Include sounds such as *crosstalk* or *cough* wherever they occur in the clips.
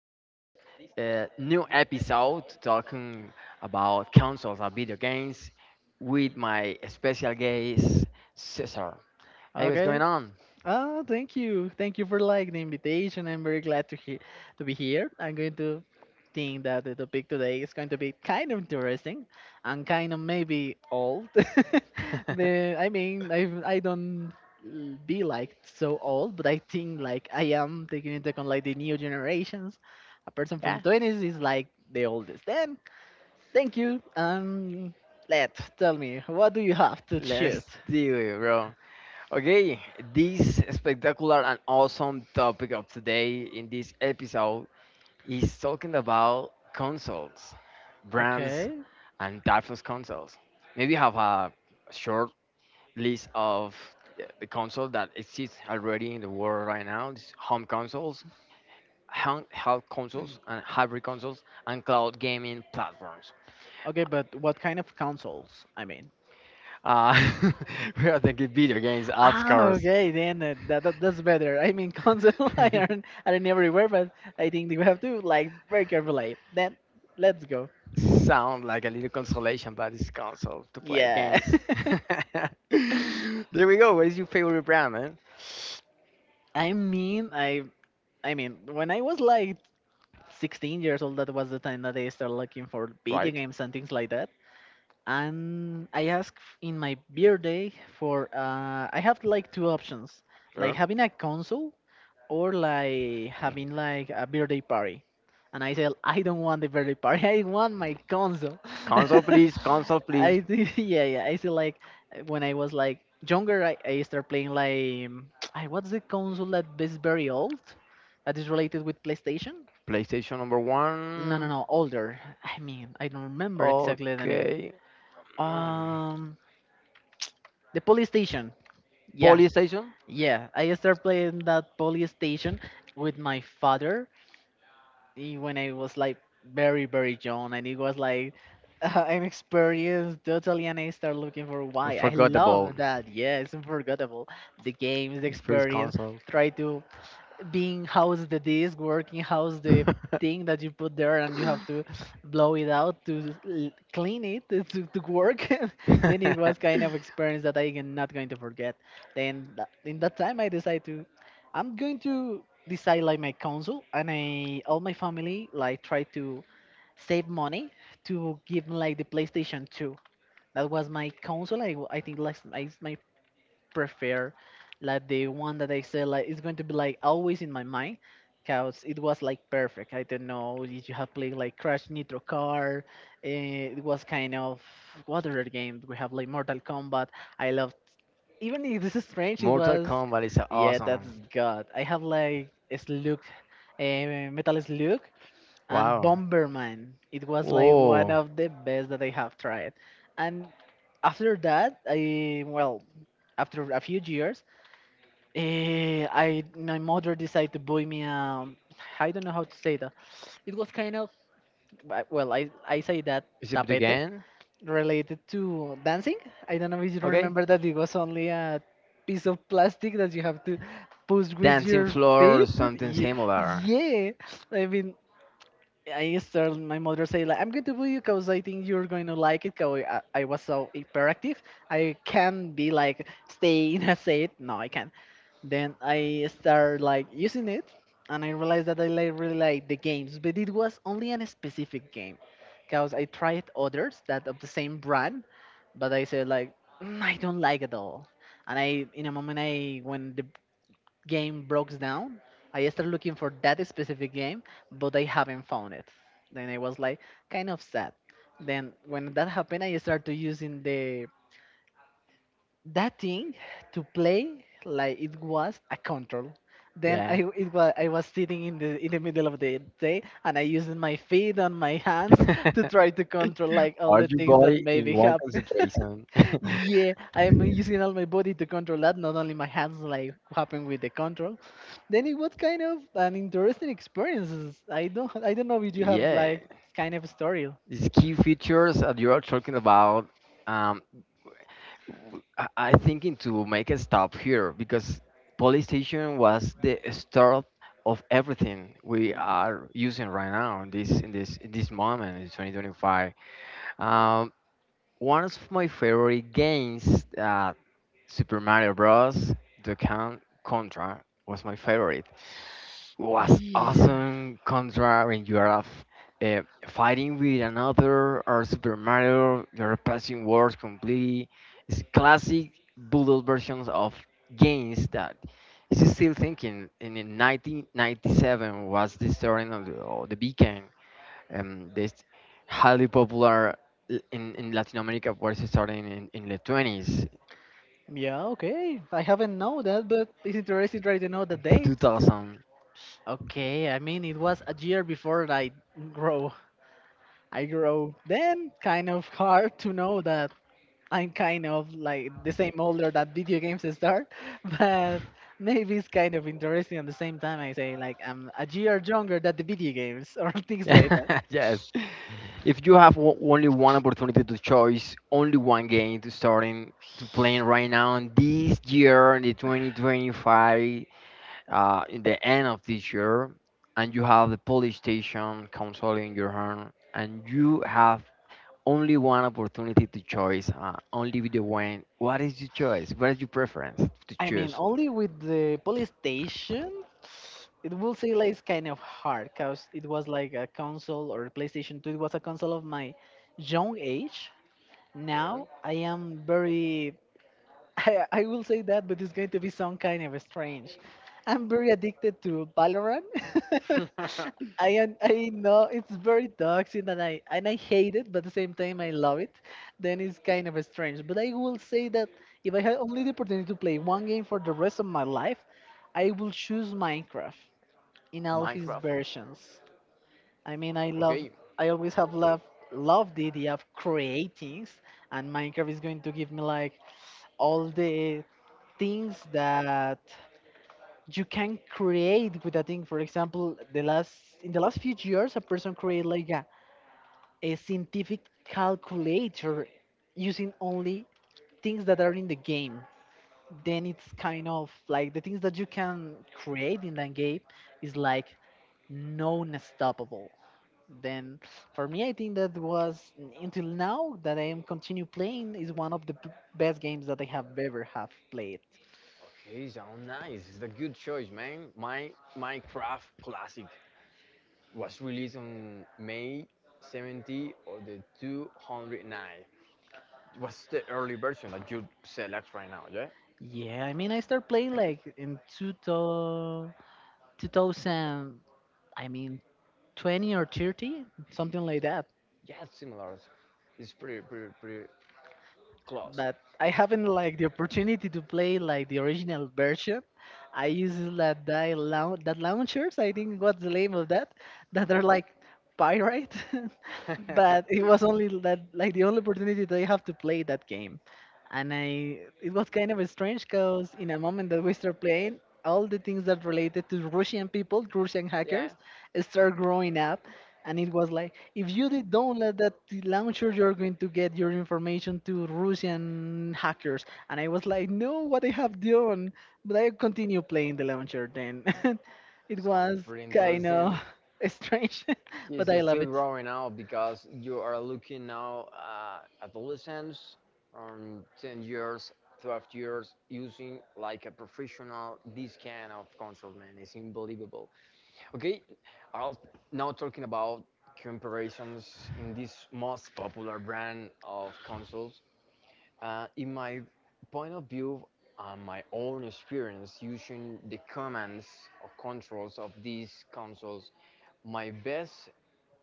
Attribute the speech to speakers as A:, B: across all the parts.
A: this new episode talking about consoles and video games with my special guest, Cesar. Hey, what's
B: Okay.
A: going on?
B: Oh, thank you. Thank you for like the invitation. I'm very glad to hear to be here. I'm going to think that the topic today is going to be kind of interesting and kind of maybe old. *laughs* the
A: *laughs*
B: I mean, I don't be like so old, but I think like I am taking into account like the new generations. A person from
A: Yeah,
B: 20s is like the oldest. Then, thank you. Let tell me, what do you have to choose?
A: let's do it, bro. Okay, this spectacular and awesome topic of today in this episode is talking about consoles, brands,
B: Okay.
A: and types of consoles. Maybe have a short list of the console that exists already in the world right now. It's home consoles, handheld consoles, and hybrid consoles, and cloud gaming platforms.
B: Okay, but what kind of consoles? I mean.
A: Uh, *laughs* we are thinking video games,
B: *laughs*
A: apps,
B: Ah,
A: cars.
B: okay, then that's better. I mean, console *laughs* I aren't
A: *laughs*
B: I don't everywhere, but I think we have to like very carefully. Then let's go.
A: Sound like a little consolation, but it's console to play
B: Yeah.
A: games.
B: *laughs*
A: *laughs* There we go. What is your favorite brand, man?
B: I mean, I mean, when I was like 16 years old, that was the time that I started looking for video
A: Right?
B: games and things like that. And I asked in my birthday for I have like two options, like
A: Sure.
B: having a console or like having like a birthday party, and I said I don't want the birthday party. *laughs* I want my console.
A: Console, please.
B: *laughs*
A: Console,
B: I
A: please.
B: do. *laughs* Yeah, yeah, I said like when I was like younger I started playing like *tsk* what's the console that is very old that is related with playstation?
A: PlayStation number
B: No, no,
A: one.
B: no, older. I mean, I don't remember exactly the name.
A: Okay. Um,
B: um the PlayStation. Yeah,
A: Polystation?
B: yeah, I started playing that PlayStation with my father when I was like very very young, and it was like *laughs* an experience totally, and I started looking for
A: We
B: why. I
A: forgot the ball.
B: love that. Yeah, it's unforgettable. The games, the
A: First
B: experience.
A: console.
B: Try to being how's the disk working, how's the
A: *laughs*
B: thing that you put there, and you have to blow it out to clean it to, to work. *laughs* Then it was kind of experience that I am not going to forget. Then in that time, I decided to, I'm going to decide like my council, and I all my family like try to save money to give me like the PlayStation 2. That was my console. I think like my prefer like the one that I said like it's going to be like always in my mind because it was like perfect. I don't know if you have played like Crash Nitro Car. It was kind of what other game we have like Mortal Kombat. I loved even if this is strange. It
A: Mortal
B: was
A: Kombat is
B: yeah, that's
A: awesome.
B: God. I have like Slug, uh, Metal Slug and
A: Wow.
B: Bomberman. It was like one
A: Whoa.
B: of the best that I have tried. And after that, after a few years, Eh, I my mother decided to buy me a I don't know how to say that. It was kind of I say that
A: Is it
B: tapete
A: again?
B: related to dancing. I don't know if you
A: Okay.
B: remember that it was only a piece of plastic that you have to push with
A: Dancing
B: your
A: floor or
B: feet.
A: something
B: Yeah,
A: similar.
B: yeah. I mean, I started. My mother say like, "I'm going to buy you because I think you're going to like it." Because I was so hyperactive, I can't be like stay in a seat. No, I can't. Then I started like using it, and I realized that I like, really like the games, but it was only a specific game, because I tried others that of the same brand, but I said like, "Mm, I don't like it all, and I in a moment I when the game broke down, I started looking for that specific game, but I haven't found it. Then I was like kind of sad. Then when that happened, I started using the that thing to play like it was a control. Then
A: Yeah.
B: I it was I was sitting in the middle of the day, and I used my feet and my hands *laughs* to try
A: *laughs*
B: to control like all
A: Hold
B: the
A: your
B: things that
A: body in
B: maybe
A: one
B: happen.
A: concentration.
B: *laughs* Yeah, I'm using all my body to control that, not only my hands like happen with the control. Then it was kind of an interesting experience. I don't know if you
A: *laughs*
B: have
A: yeah.
B: like kind of a story.
A: These key features that you are talking about, um, I thinking to make a stop here because police station was the start of everything we are using right now in this moment in 2025. Um, one of my favorite games, Super Mario Bros. The Contra was my favorite was
B: Yeah.
A: awesome contra when you are uh, fighting with another or Super Mario, you're passing words completely. It's classic Boodle versions of games that is still thinking. And in 1997 was the starting of the Beacon, this highly popular in Latin America was starting in the 20s,
B: Yeah, okay. I haven't know that, but it's interesting trying to know the dates.
A: 2000.
B: Okay, I mean it was a year before I grow. I grow. Then kind of hard to know that I'm kind of like the same older that video games start, *laughs* but maybe it's kind of interesting at the same time. I say like I'm a year younger than the video games or *laughs* things like that.
A: *laughs* yes. If you have only one opportunity to choose, only one game to start in to playing right now in this year, in the 2025, in the end of this year, and you have the PlayStation console in your hand, and you have only one opportunity to choose, only video one. What is your choice? What is your preference to
B: I mean
A: choose?
B: only with the PlayStation. It will say like it's kind of hard because it was like a console or a PlayStation 2. It was a console of my young age.
A: Yeah.
B: Now I am very, *laughs* I will say that, but it's going to be some kind of strange. I'm very addicted to Valorant. *laughs* I am, I know it's very toxic, and I hate it, but at the same time I love it. Then it's kind of strange. But I will say that if I had only the opportunity to play one game for the rest of my life, I will choose Minecraft in
A: *laughs*
B: all his
A: Minecraft.
B: versions. I mean, I love,
A: Okay.
B: I always have loved the idea of creating, and Minecraft is going to give me like all the things that you can create with a thing. For example, the last in the last few years, a person created like a scientific calculator using only things that are in the game. Then it's kind of like the things that you can create in that game is like non-stoppable. Then for me I think that was until now that I am continue playing is one of the best games that I have ever have played.
A: Okay, sound nice. It's a good choice, man. My Minecraft classic was released on May 70 of the 209. What's the early version that you select right now? Yeah,
B: Yeah, I mean I started playing like in 2000, 2000 I mean 20 or 30 something like that,
A: yeah, it's similar. It's pretty close.
B: but I haven't like the opportunity to play like the original version. I use that die laun that launchers. I think, what's the name of that? That are like pirate, *laughs* but
A: *laughs*
B: it was only that like the only opportunity that I have to play that game, and I it was kind of strange because in a moment that we start playing. All the things that related to Russian people, Russian
A: yeah,
B: hackers, start growing up, and it was like if you did download that launcher you're going to get your information to Russian hackers, and I was like, no, what I have done? But I continue playing the launcher then. *laughs* It
A: sounds
B: was
A: pretty
B: kind
A: interesting.
B: of *laughs* strange, *laughs*
A: Yes,
B: but I
A: it's still
B: love it.
A: growing out because you are looking now adolescents from 10 years, 12 years using like a professional this kind of console, man. It's unbelievable. Okay, I'll now talking about comparisons in this most popular brand of consoles. In my point of view and my own experience using the commands or controls of these consoles, my best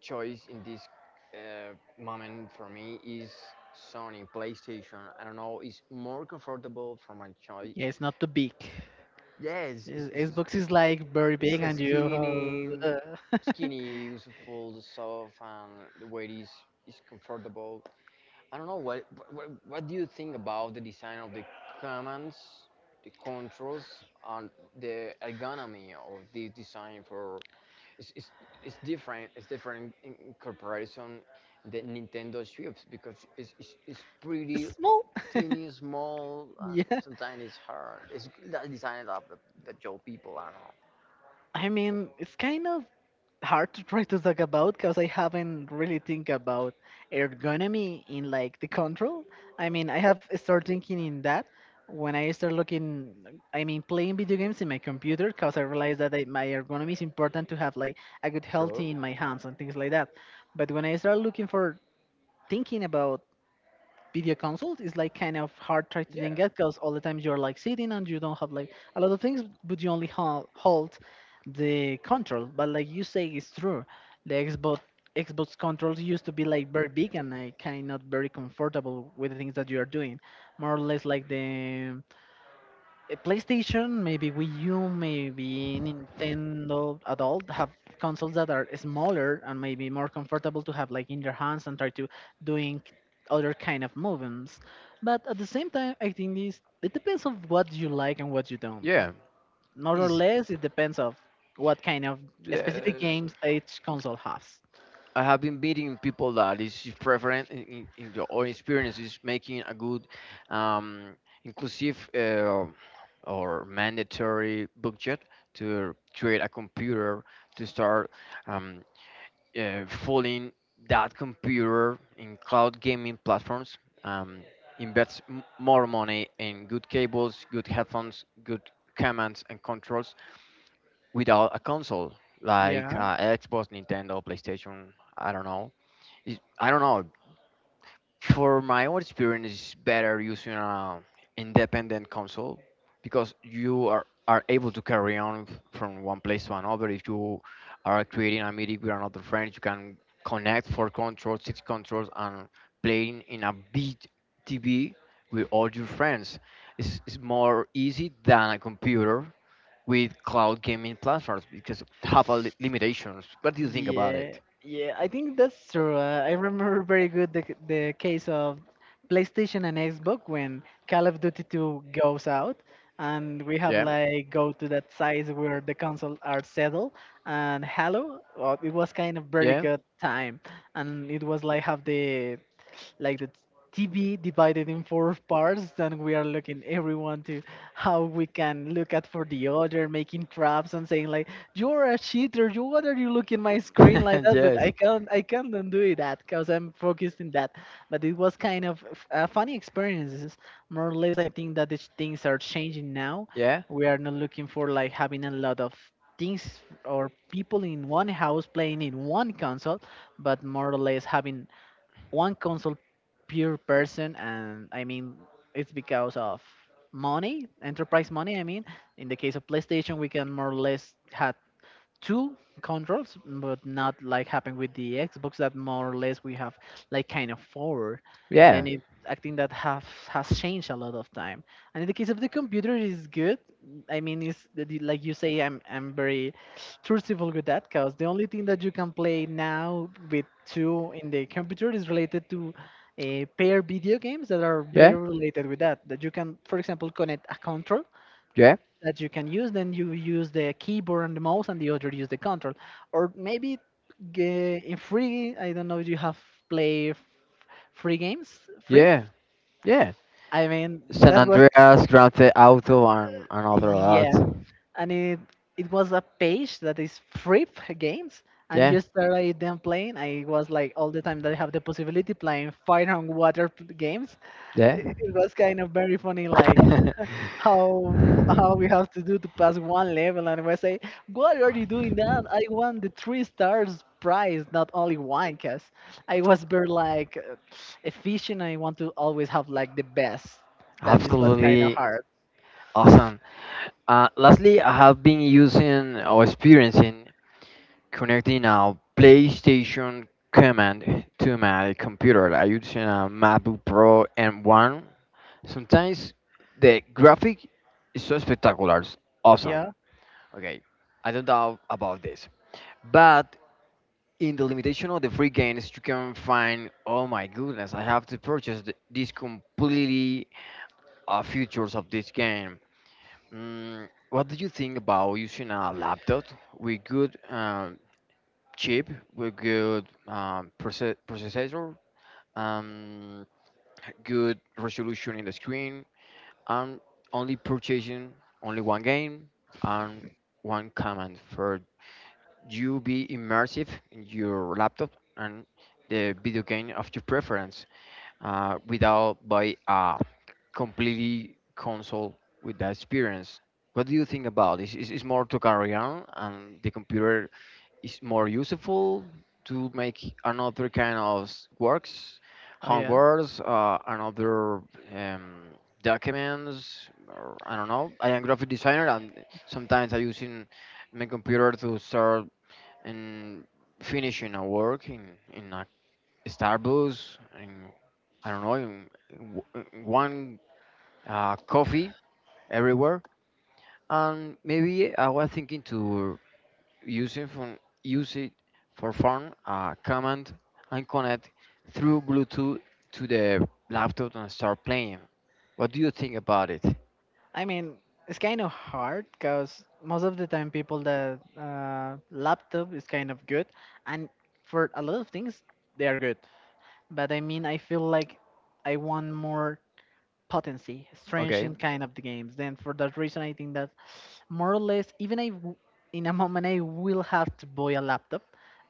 A: choice in this uh, moment for me is Sony PlayStation. I don't know, it's more comfortable for my choice.
B: Yeah, it's not too big.
A: Yes,
B: Yes, Xbox is like very
A: it's
B: big,
A: a
B: and you
A: skinny, useful, the soft, and the
B: *laughs*
A: weight is comfortable. I don't know what do you think about the design of the commands, the controls, and the ergonomy of this design for it's, it's, it's different. It's different in comparison the Nintendo Switch because it's pretty
B: small.
A: tiny,
B: *laughs*
A: small, and
B: Yeah,
A: sometimes it's hard. It's that design that your people are not.
B: I mean it's kind of hard to try to talk about because I haven't really think about ergonomy in like the control. I mean I have started thinking in that when I start looking, I mean playing video games in my computer because I realized that my ergonomy is important to have like a good health
A: Sure.
B: in my hands and things like that. But when I start looking for thinking about video consult is like kind of hard try to think
A: Yeah.
B: at because all the times you're like sitting and you don't have like a lot of things, but you only hold the control, but like you say it's true. The xbox controls used to be like very big and like kind of not very comfortable with the things that you are doing, more or less like the PlayStation, maybe Wii U, maybe Nintendo Adult have consoles that are smaller and maybe more comfortable to have like in their hands and try to doing other kind of movements. But at the same time, I think this it depends of what you like and what you don't.
A: Yeah,
B: More or
A: is
B: less, it depends of what kind of specific
A: yes.
B: games each console has.
A: I have been meeting people that is preferent in your own experience is making a good, um, inclusive or mandatory budget to create a computer to start um, fooling that computer in cloud gaming platforms. Um, invest more money in good cables, good headphones, good commands and controls without a console like
B: Yeah.
A: Xbox, Nintendo, PlayStation. I don't know. I don't know. For my own experience, it's better using an independent console because you are able to carry on from one place to another. If you are creating a meeting with another friend, you can connect four controls, six controls, and playing in a big TV with all your friends. It's more easy than a computer with cloud gaming platforms because have a limitations. What do you think about
B: Yeah,
A: it?
B: yeah, I think that's true. I remember very good the, the case of PlayStation and Xbox when Call of Duty 2 goes out and we have
A: Yeah.
B: like go to that size where the console are settled, and Halo. Well, it was kind of very
A: Yeah.
B: good time, and it was like have the like the TV divided in 4 parts, and we are looking everyone to how we can look at for the other, making traps and saying like, "You're a cheater! You what are you looking my screen like
A: *laughs*
B: that?" But
A: yes.
B: I can't undo that because I'm focused in that. But it was kind of a funny experiences. More or less, I think that these things are changing now.
A: Yeah.
B: We are not looking for like having a lot of things or people in one house playing in one console, but more or less having one console pure person, and I mean it's because of money, enterprise money. I mean, in the case of PlayStation, we can more or less had two controls, but not like happened with the Xbox that more or less we have like kind of four.
A: Yeah.
B: Then it I think that have has changed a lot of time. And in the case of the computer, it is good. I mean, it's like you say, I'm very truthful with that because the only thing that you can play now with two in the computer is related to pair video games that are very
A: Yeah,
B: related with that. That you can, for example, connect a control
A: yeah,
B: that you can use, then you use the keyboard and the mouse, and the other use the control. Or maybe in free, I don't know, if you have play free games, free.
A: yeah, yeah.
B: I mean,
A: San
B: that was,
A: Andreas, Grand Theft Auto, and other lots.
B: yeah, and it was a page that is free games, and
A: Yeah,
B: you started them playing. I was like all the time that I have the possibility playing fire and water games.
A: yeah.
B: It was kind of very funny, like
A: *laughs*
B: how how we have to do to pass one level, and we say what are you doing that I want the three stars prize, not only one, because I was very like efficient. I want to always have like the best. That is what's kind of
A: Absolutely
B: hard.
A: awesome. Lastly, I have been using or experiencing connecting a PlayStation command to my computer. I using a MacBook Pro M1. Sometimes the graphic is so spectacular, it's awesome.
B: Yeah.
A: Okay, I don't doubt about this. But in the limitation of the free games, you can find, oh my goodness, I have to purchase these completely features of this game. Mm, what do you think about using a laptop with good chip, with good processor, um, good resolution in the screen, I'm only purchasing only one game and one command for you be immersive in your laptop and the video game of your preference without buy a completely console with that experience. What do you think about this? Is more to carry on and the computer is more useful to make another kind of works,
B: Oh, yeah,
A: homeworks, another um, documents. Or, I don't know. I am graphic designer, and sometimes I using my computer to start and finishing a work in a Starbucks, in I don't know, in one coffee everywhere. And maybe I was thinking to use use it for phone, command, and connect through Bluetooth to the laptop and start playing. What do you think about it?
B: I mean it's kind of hard because most of the time people that laptop is kind of good, and for a lot of things they are good, but I mean I feel like I want more potency, strange
A: Okay,
B: in kind of the games. Then for that reason, I think that more or less, even in a moment, I will have to buy a laptop.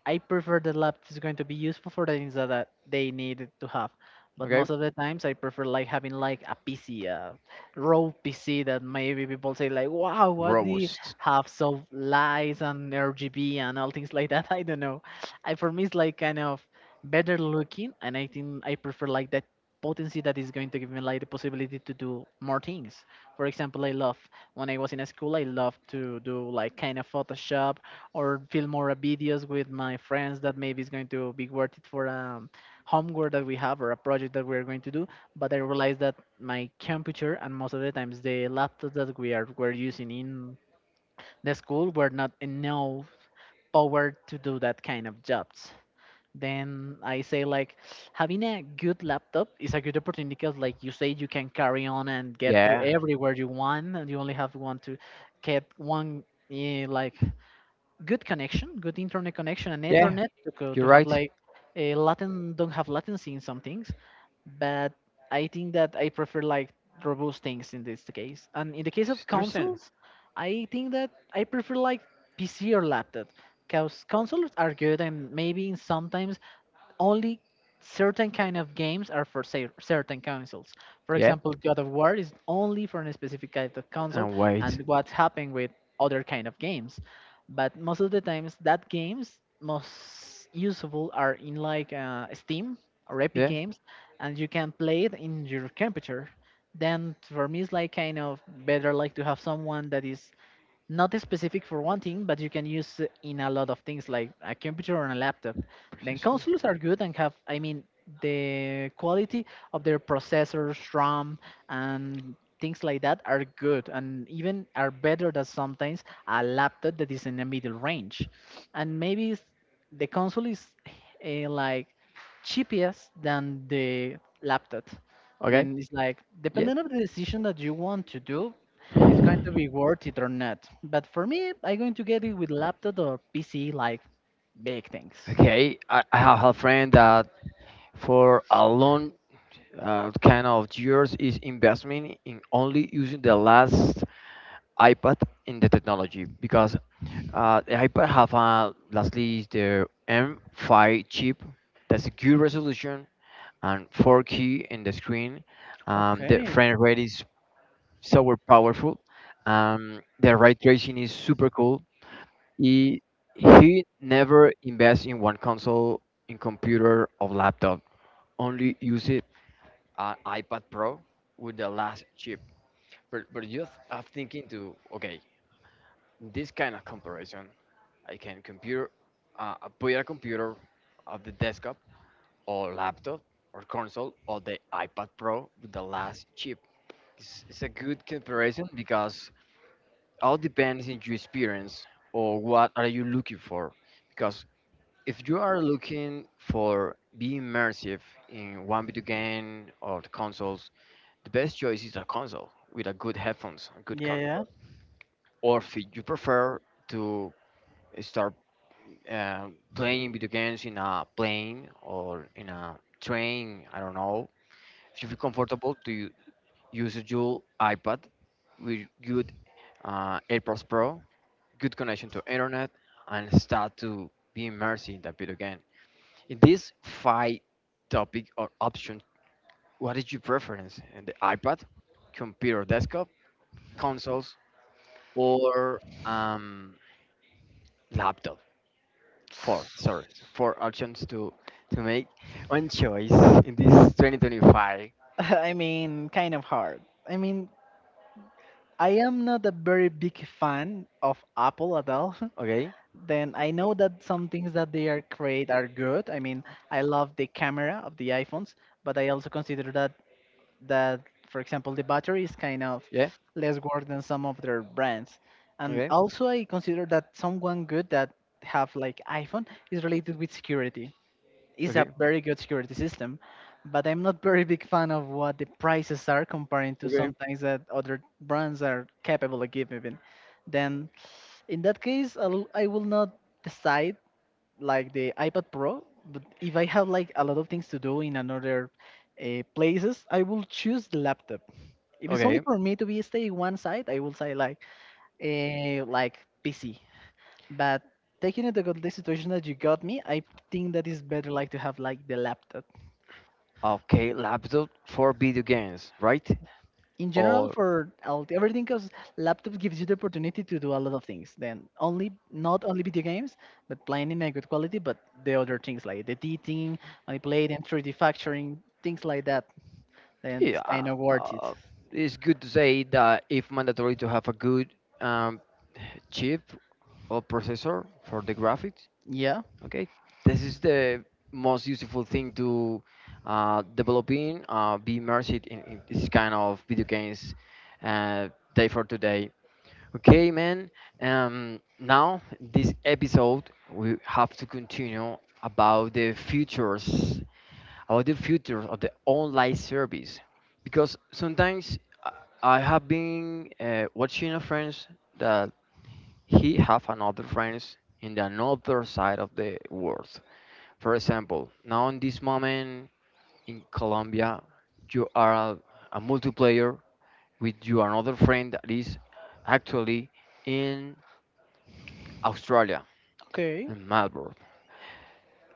B: I prefer the laptop is going to be useful for the things that they need it to have. But
A: okay.
B: most of the times, I prefer like having like a PC, a raw PC that maybe people say like, "Wow, what do you
A: Robust.
B: have so lights and RGB and all things like that?" *laughs* I don't know. I For me, it's like kind of better looking, and I think I prefer like that potency that is going to give me like the possibility to do more things. For example, I love when I was in school, I loved to do like kind of Photoshop or film more videos with my friends that maybe is going to be worth it for a homework that we have or a project that we're going to do. But I realized that my computer and most of the times the laptops that we are were using in the school were not enough power to do that kind of jobs. Then I say like having a good laptop is a good opportunity, because like you say, you can carry on and get to
A: Yeah,
B: everywhere you want, and you only have one to get one, like good connection, good internet connection, and
A: yeah,
B: ethernet to go
A: you're
B: to have
A: right.
B: like a latent don't have latency in some things. But I think that I prefer like robust things in this case. And in the case
A: It's
B: of
A: interesting.
B: consoles, I think that I prefer like PC or laptop, because consoles are good, and maybe in sometimes only certain kind of games are for certain consoles. For
A: Yeah,
B: example, God of War is only for a specific kind of console,
A: and wait.
B: and what's happening with other kind of games. But most of the times, that games most useful are in like Steam or Epic
A: Yeah,
B: Games, and you can play it in your computer. Then for me, it's like kind of better like to have someone that is not specific for one thing, but you can use it in a lot of things like a computer or a laptop. Then
A: processor.
B: consoles are good and have, I mean, the quality of their processors, RAM, and things like that are good, and even are better than sometimes a laptop that is in the middle range. And maybe the console is like cheapest than the laptop.
A: Okay,
B: Then it's like
A: yeah.
B: depending on the decision that you want to do, it's going to be worth it or not. But for me, I'm going to get it with laptop or PC, like big things.
A: Okay, I have a friend that for a long kind of yours is investment in only using the last iPad in the technology because the iPad have lastly the M5 chip that's a good resolution and 4K in the screen. The
B: Okay.
A: frame rate is so powerful. The ray tracing is super cool. He he never invests in one console, in computer or laptop. Only use it on iPad Pro with the last chip. But just I'm thinking to okay, this kind of comparison, I can compare put a computer of the desktop or laptop or console or the iPad Pro, with the last chip. It's a good comparison because all depends in your experience or what are you looking for. Because if you are looking for being immersive in one video game or the consoles, the best choice is a console with a good headphones, a good
B: Yeah. Yeah,
A: controller or if you prefer to start playing video games in a plane or in a train, I don't know. If you feel comfortable to use your iPad with good AirPods Pro, good connection to internet, and start to be immersed in that video game. In this five topic or option, what is your preference? And the iPad, computer, desktop, consoles, or laptop? Four sorry four options to make one choice in this 2025.
B: *laughs* I mean, kind of hard. I mean, I am not a very big fan of Apple at all.
A: Okay,
B: *laughs* Then I know that some things that they are create are good. I mean, I love the camera of the iPhones, but I also consider that that, for example, the battery is kind of
A: yeah.
B: less work than some of their brands. And
A: okay
B: also, I consider that someone good that have like iPhone is related with security, is a
A: okay
B: very good security system, but I'm not very big fan of what the prices are comparing to
A: okay
B: sometimes that other brands are capable of giving. Then, in that case, I will not decide like the iPad Pro. But if I have like a lot of things to do in another places, I will choose the laptop. If it's only
A: okay
B: for me to be stay one side, I will say like PC. But taking into account the situation that you got me, I think that is better like to have like the laptop.
A: okay. Laptop for video games, right?
B: In general,
A: Or
B: for all- everything, because laptops gives you the opportunity to do a lot of things, then only not only video games, but playing in a good quality, but the other things like the editing, manipulating 3D factoring, things like that, then it's
A: yeah.
B: kind of worth it.
A: uh, it's good to say that if mandatory to have a good um, chip or processor for the graphics.
B: Yeah.
A: Okay, this is the most useful thing to developing, be immersed in this kind of video games uh, day for today. Okay, man. Now this episode we have to continue about the futures, about the futures of the online service, because sometimes I I have been watching a friends that he have another friends in the another side of the world, for example, now in this moment in Colombia, you are a multiplayer with you another friend that is actually in Australia,
B: Okay.
A: in Melbourne.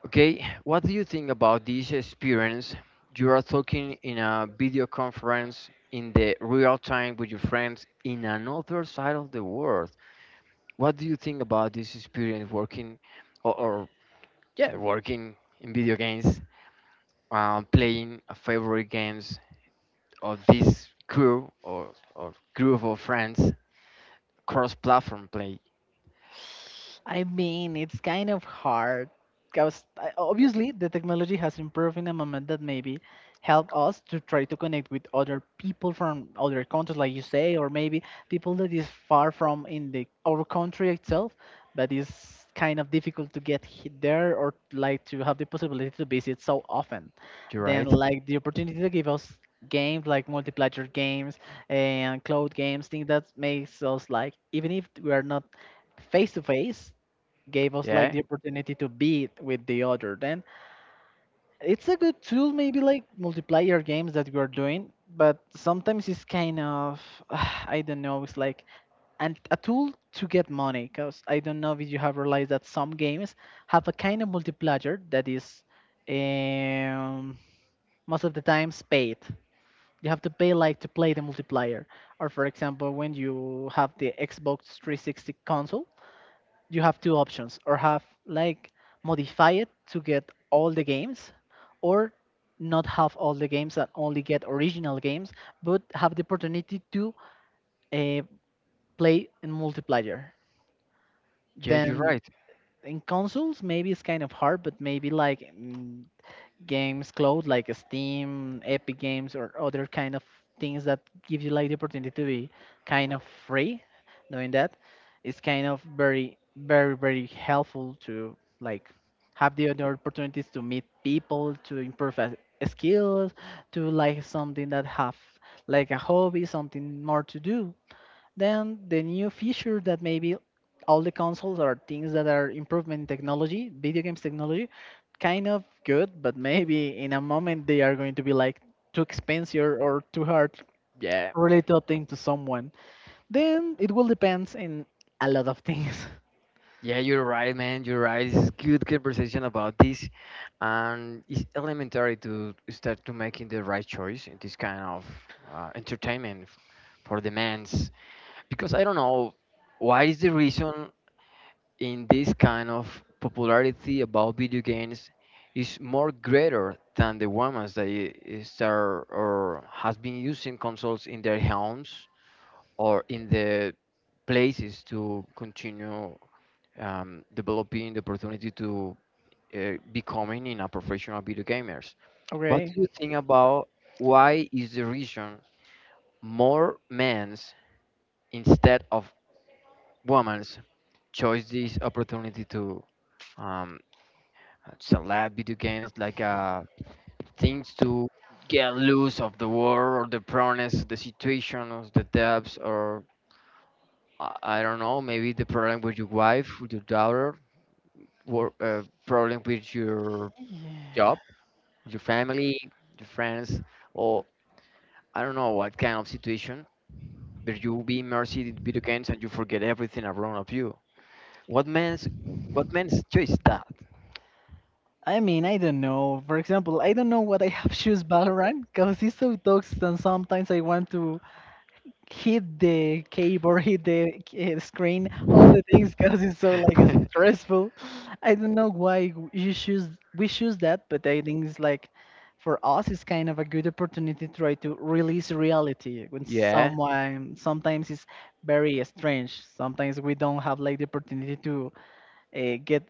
A: Okay, what do you think about this experience? You are talking in a video conference in the real time with your friends in another side of the world. What do you think about this experience working or yeah, working in video games, playing a favorite games or this crew or group of friends cross platform play,
B: I mean, it's kind of hard because obviously the technology has improved in a moment that maybe help us to try to connect with other people from other countries, like you say, or maybe people that is far from in the our country itself, but is kind of difficult to get there or like to have the possibility to visit so often.
A: you're
B: Then
A: right?
B: like the opportunity to give us games like multiplayer games and cloud games, things that makes us like even if we are not face to face gave us like
A: Yeah.
B: the opportunity to beat with the other. Then it's a good tool, maybe like multiplayer games that we're doing, but sometimes it's kind of *sighs* I don't know. It's like and a tool to get money, because I don't know if you have realized that some games have a kind of multiplayer that is um, most of the times paid. You have to pay like to play the multiplayer. Or for example, when you have the Xbox 360 console, you have two options or have like modify it to get all the games, or not have all the games and only get original games but have the opportunity to uh, play in multiplayer.
A: Yeah, you're
B: Then
A: right.
B: in consoles maybe it's kind of hard, but maybe like games cloud like Steam, Epic Games, or other kind of things that give you like the opportunity to be kind of free. Knowing that, it's kind of very, very, very helpful to like have the other opportunities to meet people, to improve skills, to like something that have like a hobby, something more to do. Then the new feature that maybe all the consoles are things that are improvement in technology, video games technology, kind of good, but maybe in a moment they are going to be like too expensive or too hard
A: Yeah.
B: really to obtain to someone. Then it will depends in a lot of things. *laughs*
A: Yeah, you're right, man. You're right. It's good conversation about this, and it's elementary to start to making the right choice in this kind of entertainment for the men. Because I don't know why is the reason in this kind of popularity about video games is more greater than the ones that is there or has been using consoles in their homes or in the places to continue developing the opportunity to becoming in a professional video gamers. What
B: Okay.
A: do you think about why is the reason more men's instead of women's? Choose this opportunity to um, select video games like things to get loose of the world or the problems, the situation, or the depths, or I don't know, maybe the problem with your wife, with your daughter, or problem with your job, your family, your friends, or I don't know what kind of situation. But you be immersed in video games and you forget everything around of you. What man's what man's choice that?
B: I mean, I don't know. For example, I don't know what I have *laughs* choose Valorant because it's so toxic, and sometimes I want to hit the keyboard, *laughs* hit the screen, all the things
A: *laughs*
B: because it's so like stressful. I don't know why you choose, we choose that, but I think it's like for us it's kind of a good opportunity to try to release reality when
A: yeah,
B: someone sometimes it's very strange. Sometimes we don't have like the opportunity to get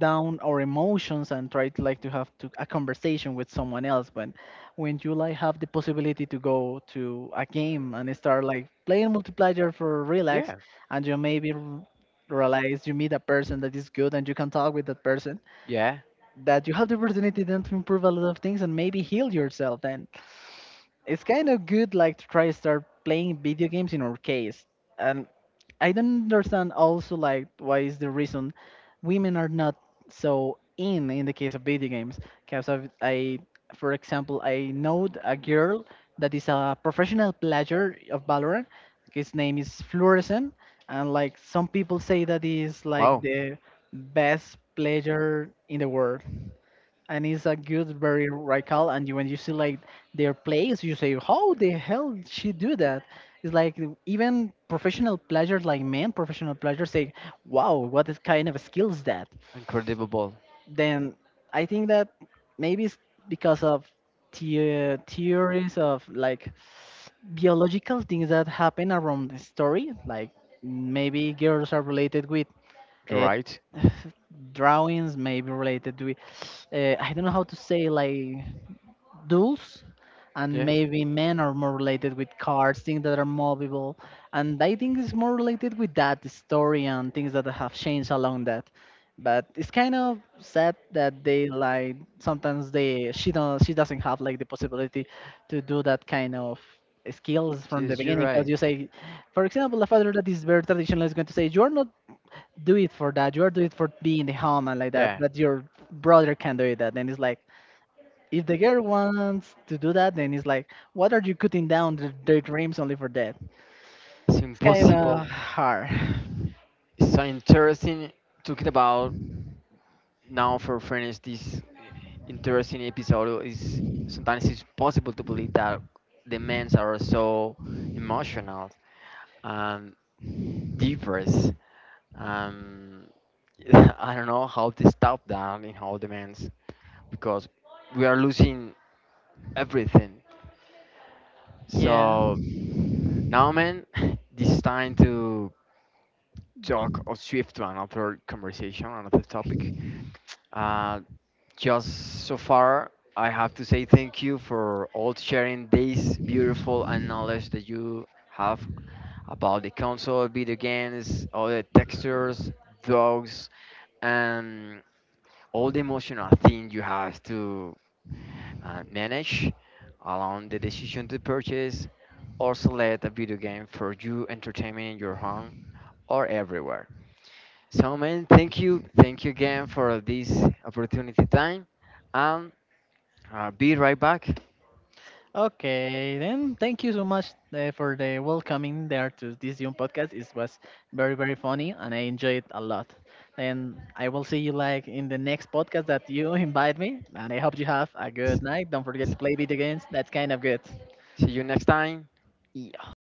B: down our emotions and try to like to a conversation with someone else, but when you like have the possibility to go to a game and start like playing multiplayer for relax,
A: yeah,
B: and you maybe realize you meet a person that is good and you can talk with that person,
A: yeah.
B: that you have the opportunity then to improve a lot of things and maybe heal yourself. Then it's kind of good like to try to start playing video games in our case. And I don't understand also like why is the reason women are not so in the case of video games, because for example, I know a girl that is a professional player of Valorant. His name is Fluorescent, and like some people say that he is like
A: Wow,
B: the best player in the world, and it's a good, very radical. And you, when you see like their plays, you say, "How the hell did she do that?" It's like even professional players, like men, professional players say, "Wow, what is kind of skill is that?"
A: incredible.
B: Then I think that maybe it's because of the theories of like biological things that happen around the story, like maybe girls are related with.
A: You're
B: Uh,
A: right.
B: *sighs* drawings maybe related with I don't know how to say, like duels, and
A: Yeah,
B: maybe men are more related with cars, things that are movable, and I think it's more related with that story and things that have changed along that. But it's kind of sad that they like sometimes they she don't, she doesn't have like the possibility to do that kind of skills from the
A: yes, you're
B: beginning, because
A: right.
B: you say for example a father that is very traditional is going to say you're not do it for that, you are do it for being the home and like that,
A: Yeah.
B: but your brother can do it that, and it's like if the girl wants to do that, then it's like, what are you cutting down the, their dreams only for that?
A: It's
B: It's kind of
A: impossible.
B: hard. *sighs*
A: It's so interesting talking about now for finish this interesting episode is sometimes it's possible to believe that the men are so emotional and diverse. Um, *laughs* I don't know how to stop that and how the men because we are losing everything.
B: Yeah.
A: So now, man, *laughs* this time to talk or shift to another conversation, another topic. Uh, just so far, I have to say thank you for all sharing this beautiful and knowledge that you have about the console, video games, all the textures, dogs, and all the emotional thing you have to manage, allowing the decision to purchase or select a video game for you entertainment in your home or everywhere. So, man, thank you. Thank you again for this opportunity time. And be right back.
B: Okay. Then thank you so much for the welcoming there to this young podcast. It was very very funny and I enjoyed it a lot. And I will see you like in the next podcast that you *laughs* invite me. And I hope you have a
A: S-
B: good night. Don't forget to play video games. That's kind of good.
A: See you next time.
B: Yeah.